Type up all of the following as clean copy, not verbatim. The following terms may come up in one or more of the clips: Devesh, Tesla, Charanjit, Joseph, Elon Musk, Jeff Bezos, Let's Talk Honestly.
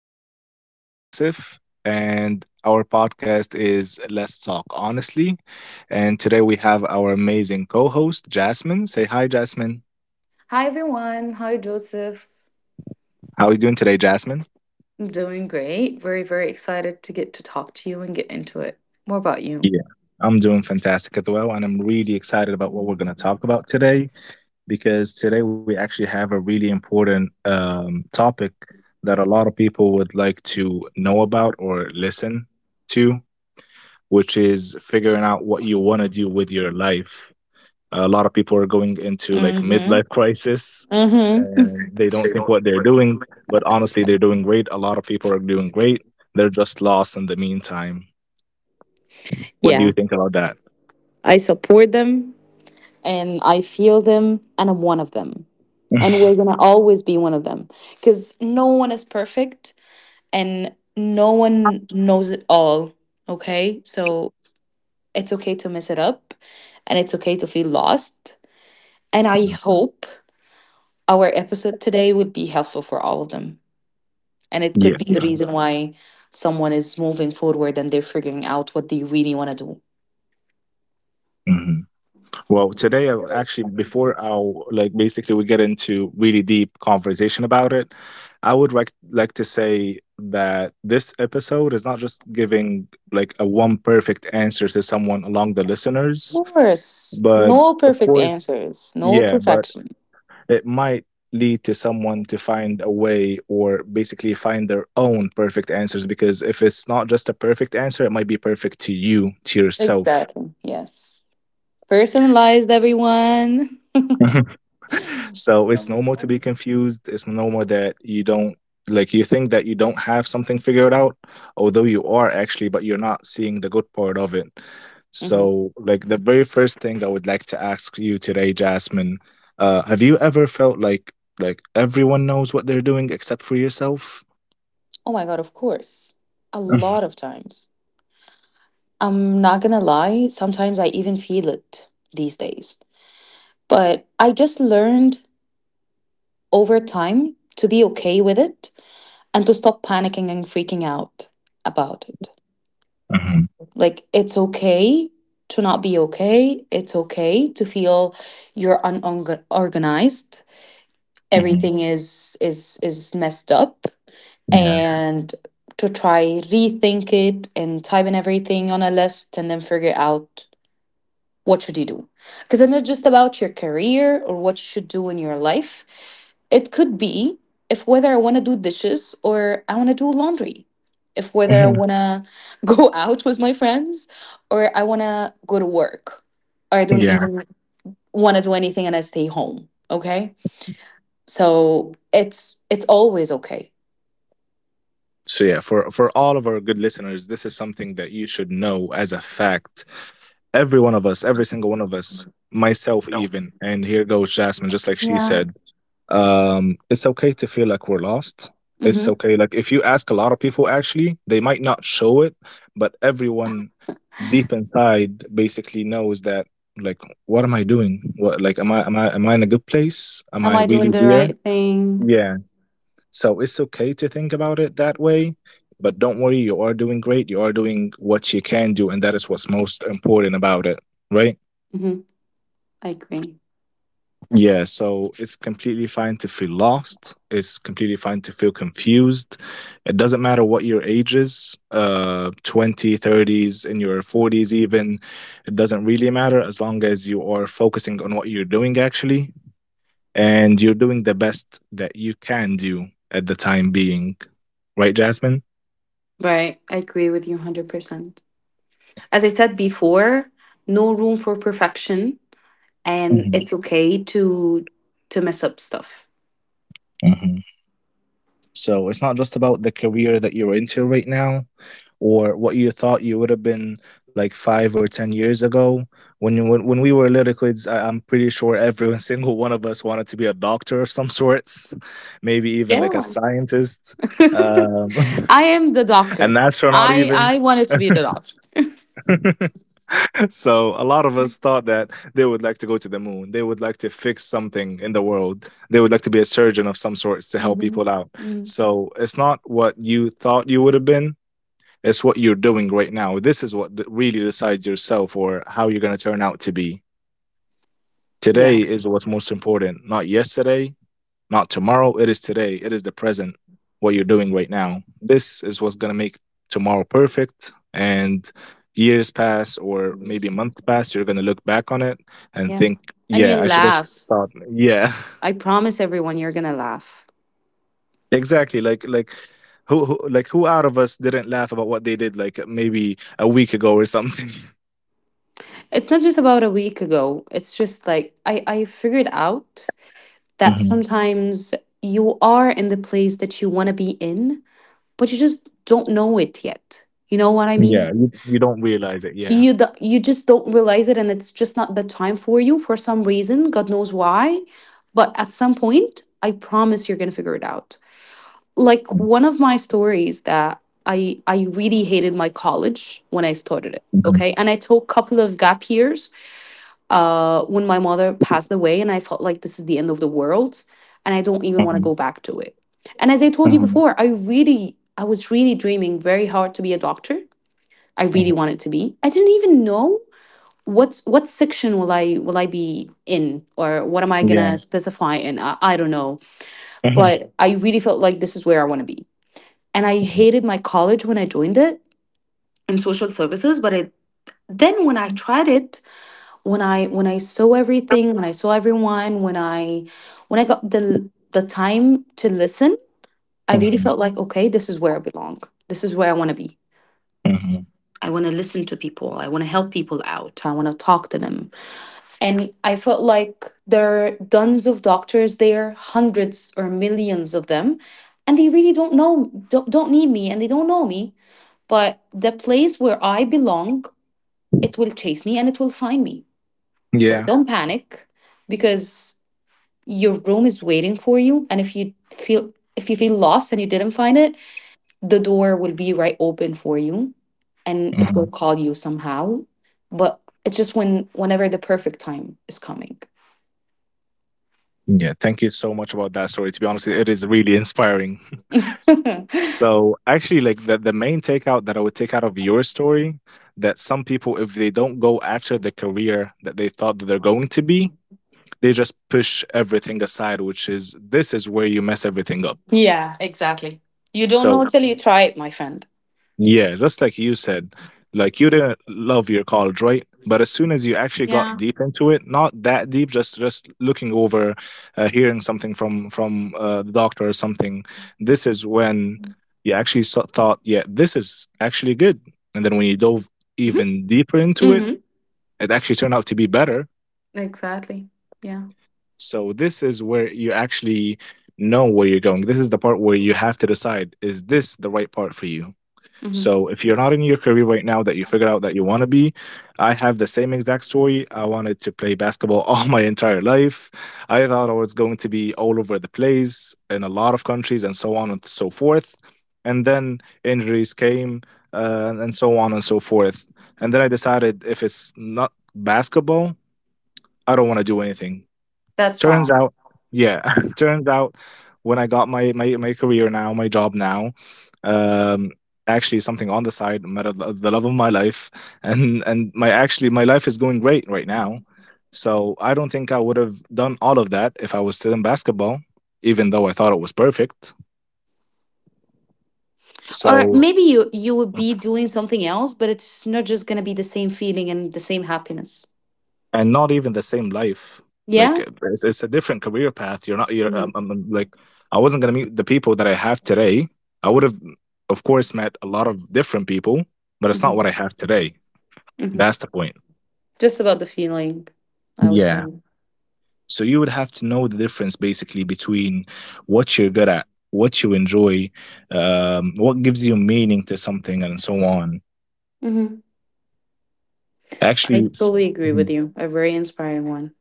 podcast. This is Joseph, and our podcast is Let's Talk Honestly. And today we have our amazing co host, Jasmine. Say hi, Jasmine. Hi everyone. Hi Joseph. How are you doing today, Jasmine? I'm doing great. Very, very excited to get to talk to you and get into it. More about you? Yeah. I'm doing fantastic as well, and I'm really excited about what we're going to talk about today because today we actually have a really important topic that a lot of people would like to know about or listen to, which is figuring out what you want to do with your life. A lot of people are going into like Mm-hmm. midlife crisis Mm-hmm. and they don't think what they're doing, but honestly, they're doing great. A lot of people are doing great. They're just lost in the meantime. What do Yeah. you think about that? I support them and I feel them and I'm one of them. And we're gonna always be one of them. Cause no one is perfect and no one knows it all. Okay? So it's okay to mess it up and it's okay to feel lost. And I hope our episode today would be helpful for all of them. And it could be Yes. the reason why someone is moving forward and they're figuring out what they really want to do. Mhm. Well, today, I, actually, before I'll like basically we get into really deep conversation about it, I would like to say that this episode is not just giving like a one perfect answer to someone along the Of listeners, course. but No of perfect course, answers, no yeah, but perfection. it might lead to someone to find a way or basically find their own perfect answers, because if it's not just a perfect answer, it might be perfect to you, to yourself. Exactly. Yes. Personalized, everyone. So it's normal to be confused. It's normal that you don't, like you think that you don't have something figured out, although you are actually, but you're not seeing the good part of it. So, like the very first thing I would like to ask you today, Jasmine, have you ever felt like everyone knows what they're doing except for yourself? Oh my God, of course. A lot of times. I'm not gonna lie, sometimes I even feel it these days. But I just learned over time to be okay with it and to stop panicking and freaking out about it. Mm-hmm. Like, it's okay to not be okay. It's okay to feel you're unorganized. Hmm. Everything is messed up Yeah. and to try rethink it and type in everything on a list and then figure out what should you do, because it's not just about your career or what you should do in your life. It could be if whether I want to do dishes or I want to do laundry, if whether I Mhm. want to go out with my friends or I want to go to work, or I don't Yeah. even want to do anything and I stay home. Okay, so it's always okay. So yeah, for all of our good listeners, this is something that you should know as a fact. Every one of us, every single one of us, myself even, and here goes Jasmine, just like she Yeah. said, it's okay to feel like we're lost. It's Mm-hmm. okay. Like if you ask a lot of people, actually, they might not show it, but everyone deep inside basically knows that. Like, what am I doing? What like am I in a good place? Am Am I I doing really the here? right thing? Yeah, so it's okay to think about it that way. But don't worry, you are doing great. You are doing what you can do, and that is what's most important about it, right? hmm I agree. Yeah, so it's completely fine to feel lost. It's completely fine to feel confused. It doesn't matter what your age is, 20, thirties, in your 40s even. It doesn't really matter as long as you are focusing on what you're doing actually and you're doing the best that you can do at the time being. Right, Jasmine? Right. I agree with you 100%. As I said before, no room for perfection, and it's okay to mess up stuff. Mhm. So it's not just about the career that you're into right now or what you thought you would have been like five or 10 years ago. When we were little kids, I'm pretty sure every single one of us wanted to be a doctor of some sorts, maybe even like a Yeah. scientist, um, I am the doctor. an astronaut, I even. I wanted to be the doctor. So a lot of us thought that they would like to go to the moon. They would like to fix something in the world. They would like to be a surgeon of some sorts to help hmm people out. Mm. So it's not what you thought you would have been. It's what you're doing right now. This is what really decides yourself or how you're going to turn out to be. Today Yeah. is what's most important, not yesterday, not tomorrow, it is today, it is the present, what you're doing right now. This is what's going to make tomorrow perfect. And years pass, or maybe months pass, you're going to look back on it and Yeah. think, And yeah, you I should have laugh. thought, like" yeah. I promise everyone you're gonna laugh. Exactly. Like who, who out of us didn't laugh about what they did like maybe a week ago or something. It's not just about a week ago. It's just like I figured out that Mhm. sometimes you are in the place that you wanna be in, but you just don't know it yet. You know what Yeah, I you, mean? you don't realize it. Yeah. You do, you just don't realize it, and it's just not the time for you for some reason, god knows why. But at some point I promise you're gonna figure it out. Mm, Like, one of my stories that I really hated my college when I started it, mhm, okay, and I took a couple of gap years when my mother passed away, and I felt like this is the end of the world and I don't even want to go back to it. And as I told you mhm, before, I was really dreaming very hard to be a doctor. I mhm, mhm. really wanted to be. I didn't even know what's, what section will I be in, or what am I Yeah. gonna specify in. I don't know, Mhm, but I really felt like this is where I want to be. And I mhm, hated my college when I joined it, in social services, but it, then when I tried it, when I saw everything, when I saw everyone, when I, when I got the time to listen, I really mhm, felt like okay, this is where I belong. This is where I want to be. mhm. I want to listen to people, I want to help people out, I want to talk to them. And I felt like there are tons of doctors there, hundreds or millions of them, and they really don't know don't need me and they don't know me. But the place where I belong, it will chase me and it will find me. So Yeah. don't panic, because your room is waiting for you, and if you feel lost and you didn't find it, the door will be right open for you and it Mhm. will call you somehow. But it's just when, whenever the perfect time is coming. Yeah, thank you so much about that story. To be honest, it is really inspiring. So actually, like the main takeout that I would take out of your story, that some people, if they don't go after the career that they thought that they're going to be, they just push everything aside, which is this is where you mess everything up. Yeah, exactly. You don't know So till you try it, my friend. yeah, just like you said, like you didn't love your college, right? But as soon as you actually got Yeah. deep into it, not that deep, just looking over, hearing something from the doctor or something, this is when you actually thought, yeah, this is actually good. And then when you dove hmm even deeper into it, hmm it actually turned out to be better. Exactly. Yeah. So this is where you actually know where you're going. This is the part where you have to decide: is this the right part for you? hmm So if you're not in your career right now that you figured out that you want to be, I have the same exact story. I wanted to play basketball all my entire life. I thought I was going to be all over the place in a lot of countries and so on and so forth. And then injuries came, and so on and so forth. And then I decided if it's not basketball, I don't want to do anything. That's Turns wrong. out, yeah, turns out when I got my career now, my job now, um, actually something on the side, I met the love of my life, and my actually my life is going great right now. So I don't think I would have done all of that if I was still in basketball, even though I thought it was perfect. Or So maybe you would be doing something else, but it's not just gonna be the same feeling and the same happiness. and not even the same life, like Yeah. It's a different career path, you're not you're hmm like I wasn't going to meet the people that I have today. I would have of course met a lot of different people, but it's not hmm what I have today. hmm That's the point. Just about the feeling, I would Yeah, say. so you would have to know the difference basically between what you're good at, what you enjoy, what gives you meaning to something and so on, hmm I actually totally agree mm-hmm. with you. A very inspiring one.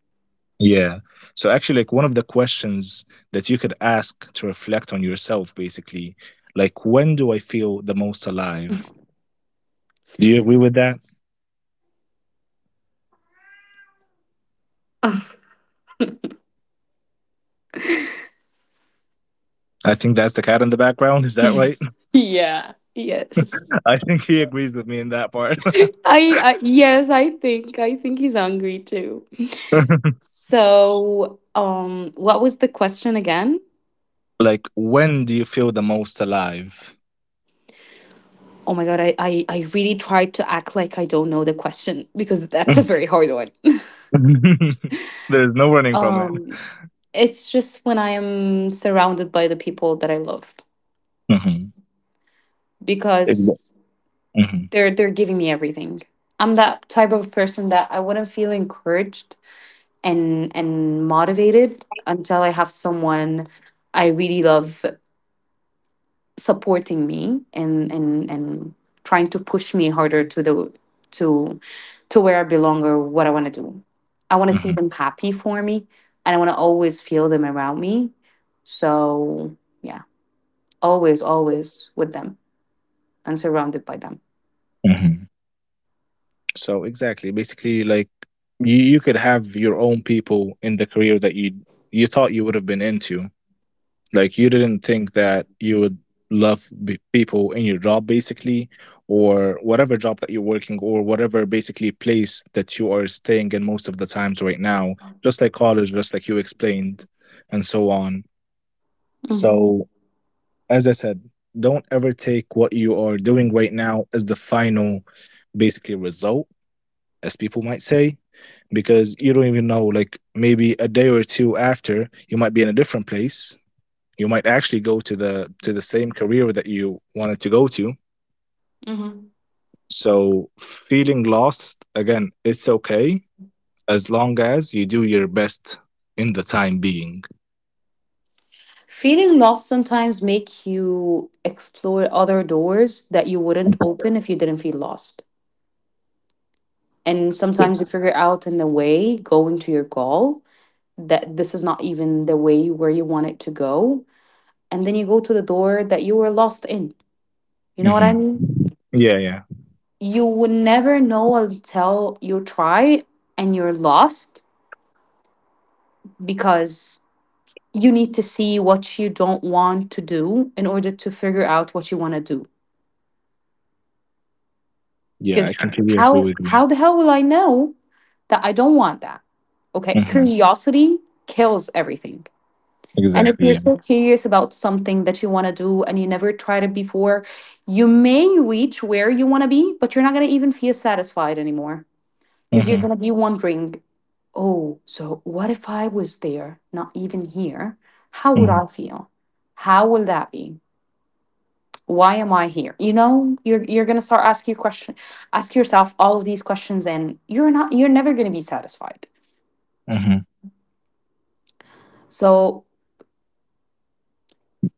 Yeah. So actually, like one of the questions that you could ask to reflect on yourself, basically, like when do I feel the most alive? Do you agree with that? I think that's the cat in the background. Is that right? Yes. Yeah. Yes. I think he agrees with me in that part. I yes, I think he's hungry too. So, what was the question again? Like when do you feel the most alive? Oh my God, I really tried to act like I don't know the question because that's a very hard one. There's no running from it. um, it's just when I am surrounded by the people that I love, Hmm. because Hmm. they're giving me everything. I'm that type of person that I wouldn't feel encouraged and motivated until I have someone I really love supporting me and trying to push me harder to the, to to where I belong or what I want to do. I want to see Hmm. them happy for me, and I want to always feel them around me. So, yeah, always, always with them and surrounded by them. Hmm. So exactly, basically, like you could have your own people in the career that you thought you would have been into. Like you didn't think that you would love people in your job, basically, or whatever job that you're working, or whatever basically place that you are staying in most of the times right now. Just like college, just like you explained, and so on. hmm So as I said, don't ever take what you are doing right now as the final basically result as people might say, because you don't even know. Like maybe a day or two after, you might be in a different place. You might actually go to the same career that you wanted to go to. hmm So feeling lost again, it's okay as long as you do your best in the time being. Feeling lost sometimes make you explore other doors that you wouldn't open if you didn't feel lost. And sometimes you Yeah. figure out in the way going to your goal that this is not even the way where you want it to go. And then you go to the door that you were lost in. You know what I Hmm. mean? Yeah, yeah, You would never know until you try and you're lost, because you need to see what you don't want to do in order to figure out what you want to do. yeah. I Because completely agree how with you. how the hell will I know that I don't want that? Okay, Hmm. curiosity kills everything. And if Exactly. you're Yeah. so curious about something that you want to do and you never tried it before, you may reach where you want to be, but you're not going to even feel satisfied anymore, because you're Hmm. going to be wondering, oh, so what if I was there, not even here? How would Hmm. I feel? How will that be? Why am I here? You know, you're gonna start asking your question, ask yourself all of these questions, and you're never gonna be satisfied. Hmm. So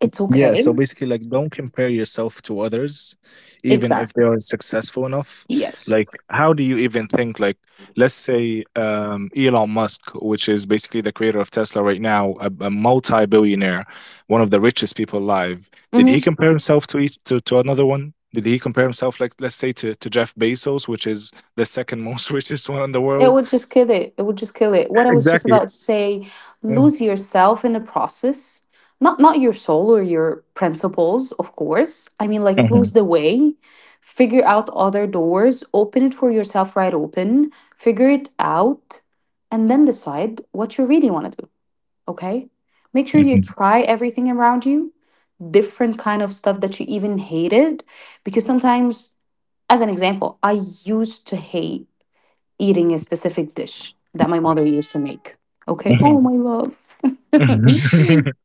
it's Yeah, okay. so basically, like, don't compare yourself to others, even if Exactly. they are successful enough. Like, Yes. how do you even think? Like, let's say Elon Musk, which is basically the creator of Tesla right now, a multi-billionaire, one of the richest people alive. Did he Mhm. compare himself to to another one? Did he compare himself, like, let's say to Jeff Bezos, which is the second most richest one in the It world? would just kill it. It would just kill it. What I was just Exactly. about to say, Mm. lose yourself in the process. Not, not your soul or your principles, of course. I mean, like, lose Mhm, the way, figure out other doors, open it for yourself right open, figure it out, and then decide what you really want to do, okay? Make sure you mhm, try everything around you, different kind of stuff that you even hated, because sometimes, as an example, I used to hate eating a specific dish that my mother used to make. Okay. Oh mhm, my love. mhm.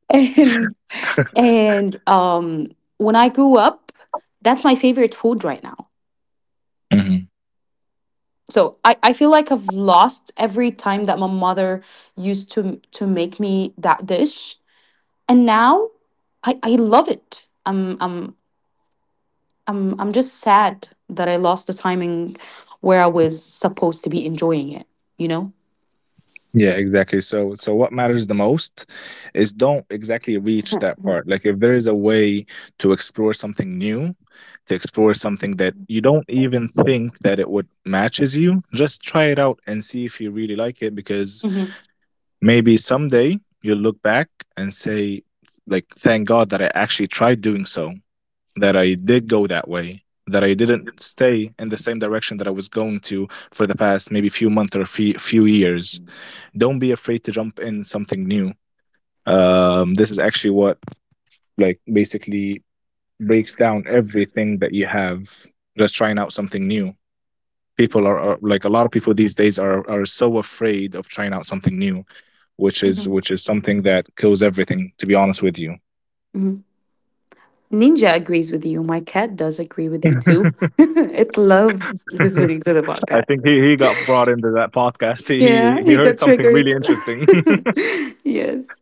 and and When I grew up, that's my favorite food right now. So I feel like I've lost every time that my mother used to make me that dish. And now, I love it. I'm just sad that I lost the timing where I was supposed to be enjoying it, you know? Yeah, exactly. So, so what matters the most is don't exactly reach that part. Like, if there is a way to explore something new, to explore something that you don't even think that it would matches you, just try it out and see if you really like it. Because Mm-hmm. maybe someday you'll look back and say, like, thank God that I actually tried doing so, that I did go that way, that I didn't stay in the same direction that I was going to for the past maybe few months or few years. Don't be afraid to jump in something new. This is actually what, like, basically breaks down everything that you have, just trying out something new. People are like a lot of people these days are so afraid of trying out something new, which is Mm-hmm. something that kills everything, to be honest with you. Ninja agrees with you. My cat does agree with you too. it loves listening to the I podcast. think he got brought into that podcast, he Yeah, he, he he heard got something really triggered. interesting. yes.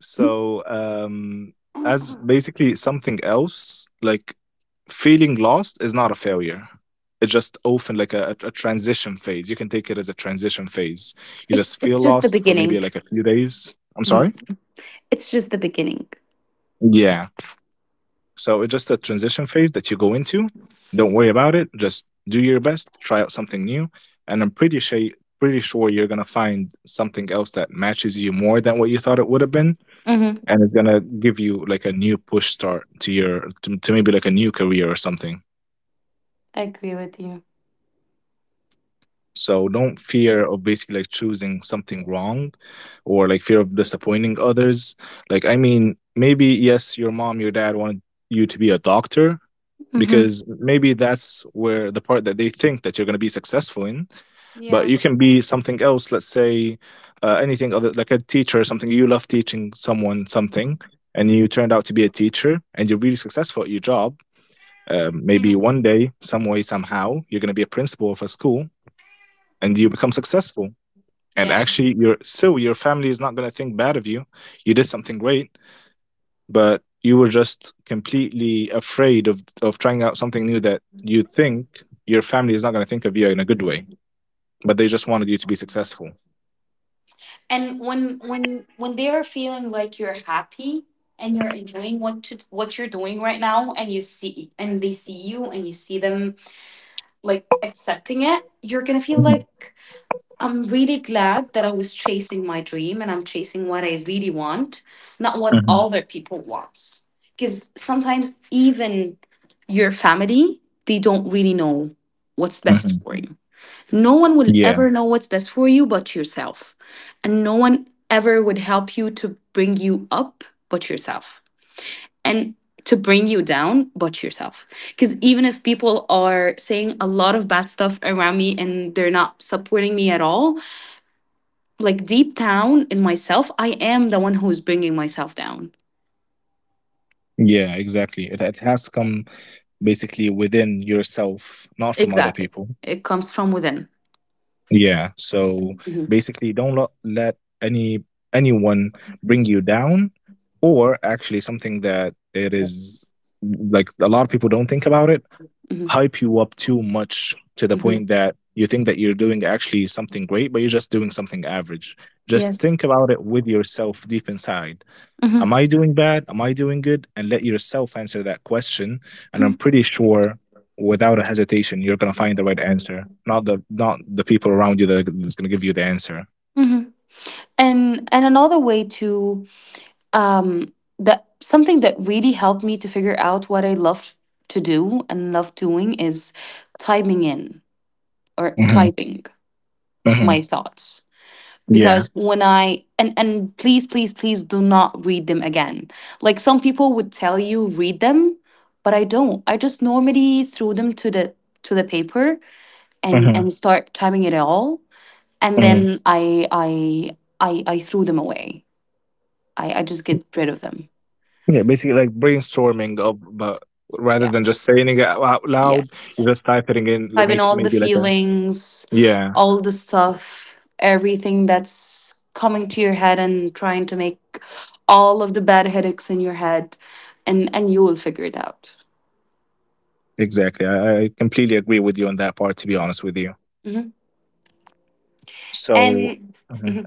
So, as basically something else, like, feeling lost is not a failure. It's just often like a transition phase. You can take it as a transition phase. You It's just feel it's just the lost for maybe beginning. like a few days. I'm sorry? Mhm. It's just the beginning. Yeah. So it's just a transition phase that you go into. Don't worry about it. Just do your best, try out something new. And I'm pretty sure you're gonna find something else that matches you more than what you thought it would have been, Mm-hmm. and it's gonna give you like a new push start to your to maybe like a new career or something. I agree with you. So don't fear of basically like choosing something wrong, or like fear of disappointing others. Like, I mean, maybe yes, your mom, your dad wanted you to be a doctor Mm-hmm. because maybe that's where the part that they think that you're going to be successful in. But Yeah. you can be something else. Let's say anything other like a teacher or something. You love teaching someone something, and you turned out to be a teacher and you're really successful at your job. Maybe Mhm. one day, some way, somehow, you're going to be a principal of a school and you become successful. And Yeah. actually, so your family is not going to think bad of you. You did something great, but you were just completely afraid of trying out something new that you think your family is not going to think of you in a good way, but they just wanted you to be successful. And when they are feeling like you're happy and you're enjoying what, to what you're doing right now, and you see and they see you and you see them like accepting it, you're gonna feel Mm-hmm. like I'm really glad that I was chasing my dream and I'm chasing what I really want, not what Mm-hmm. other people want. Because sometimes even your family, they don't really know what's Mm-hmm. best for you. No one will Yeah, ever know what's best for you but yourself. And no one ever would help you to bring you up but yourself. And to bring you down but yourself. Because even if people are saying a lot of bad stuff around me and they're not supporting me at all, like, deep down in myself, I am the one who's bringing myself down. yeah, exactly. It has come basically within yourself, not from other Exactly. people. It comes from within. Yeah. So Mhm. basically, don't let any anyone bring you down. Or actually something that it is, Yes. like, a lot of people don't think about it. Mhm. Hype you up too much to the Mhm. point that you think that you're doing actually something great, but you're just doing something average. Just Yes. think about it with yourself deep inside. Mhm. Am I doing bad? Am I doing good? And let yourself answer that question. And I'm Mhm. pretty sure, without a hesitation, you're gonna find the right answer. Not the people around you that that's gonna give you the answer. Mhm. And Another way to, that something that really helped me to figure out what I love to do and love doing is typing in, or Hmm. typing Hmm. my thoughts. Yeah. Because when I, and please please please do not read them again, like some people would tell you read them, but I don't. I just normally threw them to the, to the paper, Hmm. and start timing it all, and Hmm. then I threw them away. I just get rid of them. Yeah. Basically, like, brainstorming of, but rather Yeah. than just saying it out loud, you Yes. just typing in I like mean, make all the maybe like a feelings, yeah. all the stuff, everything that's coming to your head, and trying to make all of the bad headaches in your head, and you will figure it out. Exactly. I completely agree with you on that part. To be honest with you. hmm So, And mhm,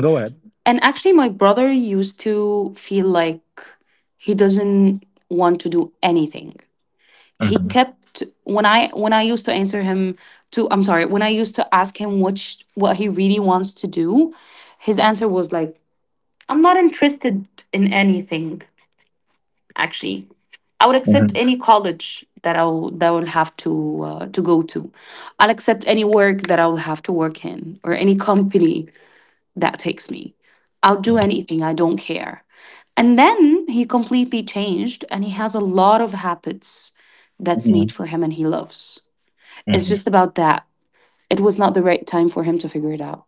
go ahead. and actually, my brother used to feel like he doesn't want to do anything. He Hmm. kept, when I used to answer him to, I'm sorry, when I used to ask him which, what he really wants to do, his answer was like, I'm not interested in anything, actually. I would accept Hmm. any college that I will have to, to go to. I'll accept any work that I will have to work in, or any company that takes me. I'll do anything. I don't care. And then he completely changed, and he has a lot of habits that's made for him and he loves. It's Hmm. just about that. It was not the right time for him to figure it out.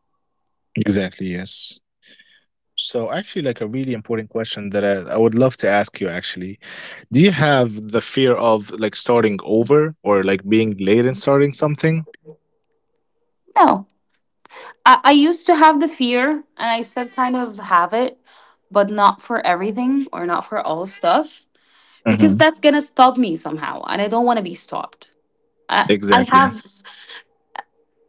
Exactly, yes. So actually, like, a really important question that I would love to ask you actually. Do you have the fear of, like, starting over, or like being late in starting something? No, I used to have the fear, and I still kind of have it, but not for everything or not for all stuff, because Hmm. that's going to stop me somehow and I don't want to be stopped. I, I have Exactly.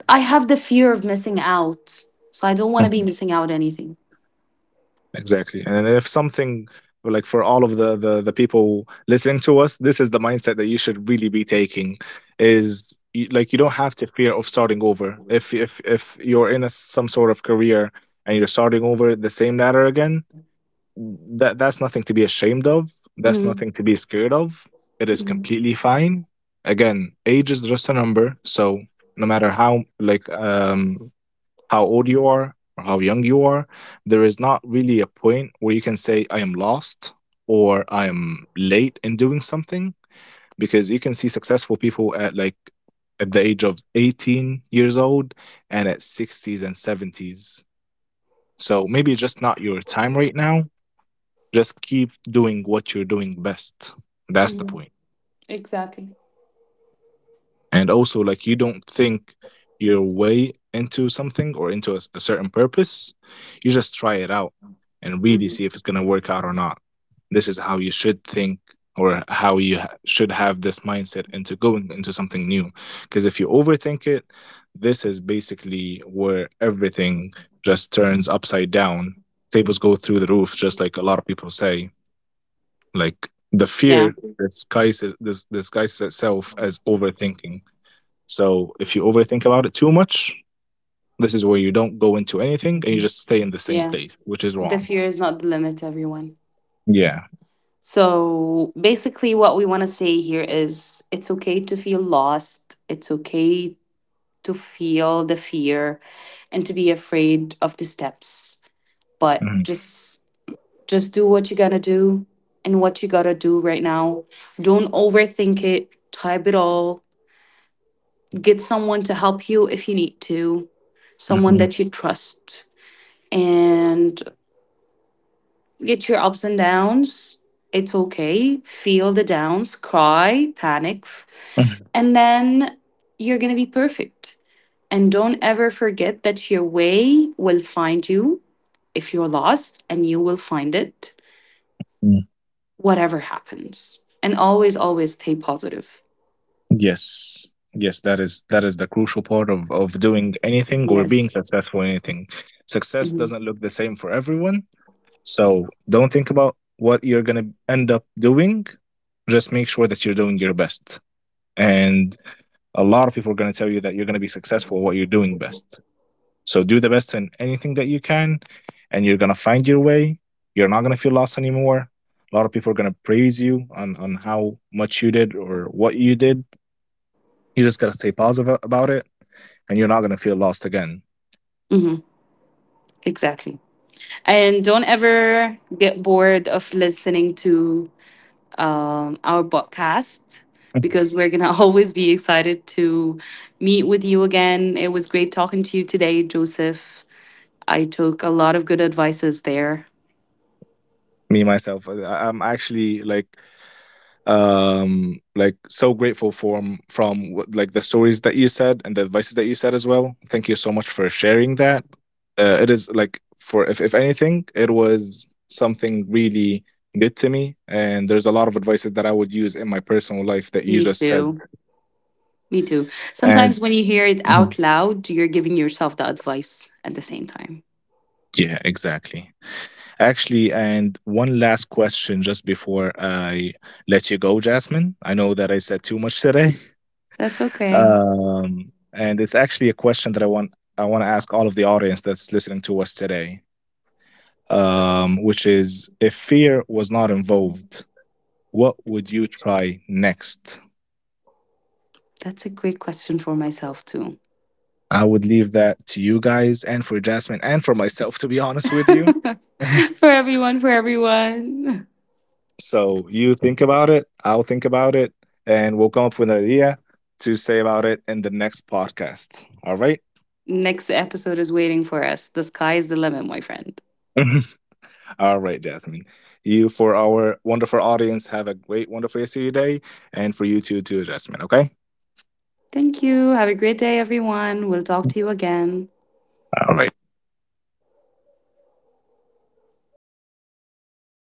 I have the fear of missing out. So I don't want to be Hmm. missing out anything. Exactly. And if something, like, for all of the, the people listening to us, this is the mindset that you should really be taking, is like you don't have to fear of starting over. If you're in a some sort of career and you're starting over the same ladder again, that that's nothing to be ashamed of. That's hmm nothing to be scared of. It is hmm completely fine. Again, age is just a number. So no matter how, like, how old you are or how young you are, there is not really a point where you can say I am lost or I am late in doing something, because you can see successful people at like at the age of 18 years old and at 60s and 70s. So maybe it's just not your time right now, just keep doing what you're doing best. That's the hmm point. Exactly. And also, like, you don't think your way into something or into a certain purpose. You just try it out and really see if hmm it's going to work out or not. This is how you should think, or how you should have this mindset into going into something new. Because if you overthink it, this is basically where everything just turns upside down. Tables go through the roof, just like a lot of people say. Like, the Yeah. fear disguises itself as overthinking. So if you overthink about it too much, this is where you don't go into anything and you just stay in the same Yeah. place, which is The wrong. fear is not the limit, everyone. Yeah. So basically, what we want to say here is it's okay to feel lost. It's okay to feel the fear and to be afraid of the steps, but Mhm, just do what you gotta do, and what you gotta do right now. Don't overthink it, type it all, get someone to help you if you need to, someone mhm, that you trust, and get your ups and downs. It's okay, feel the downs, cry, panic, mhm, and then you're gonna be perfect. And don't ever forget that your way will find you if you're lost, and you will find it, mhm. whatever happens. And always, always stay positive. Yes. Yes, that is the crucial part of doing anything or being Yes. successful in anything. Success hmm doesn't look the same for everyone, so don't think about what you're gonna end up doing. Just make sure that you're doing your best, and a lot of people are going to tell you that you're going to be successful at what you're doing best. So do the best in anything that you can, and you're going to find your way. You're not going to feel lost anymore. A lot of people are going to praise you on how much you did or what you did. You just got to stay positive about it, and you're not going to feel lost again. hmm Exactly. And don't ever get bored of listening to our podcast, Mm-hmm. because we're going to always be excited to meet with you again. It was great talking to you today, Joseph. I took a lot of good advices there. Me, myself, I'm actually like so grateful from what- like the stories that you said and the advices that you said as well. Thank you so much for sharing that. It is like for if anything, it was something really good to me, and there's a lot of advices that I would use in my personal life that you Me just said. too. Me too. And Sometimes when you hear it mhm, out loud, you're giving yourself the advice at the same time. yeah exactly, actually, and one last question just before I let you go, Jasmine. I know that I said too much today. That's okay. Um, and it's actually a question that I want to ask all of the audience that's listening to us today, which is, if fear was not involved, what would you try next? That's a great question for myself too. I would leave that to you guys, and for Jasmine and for myself, to be honest with you. for everyone, for everyone. So you think about it, I'll think about it, and we'll come up with an idea to say about it in the next podcast. All right? Next episode is waiting for us. The sky is the limit, my friend. All right, Jasmine. You, for our wonderful audience, have a great, wonderful rest of your day, and for you too, too, Jasmine. Okay. Thank you. Have a great day, everyone. We'll talk to you again. All right.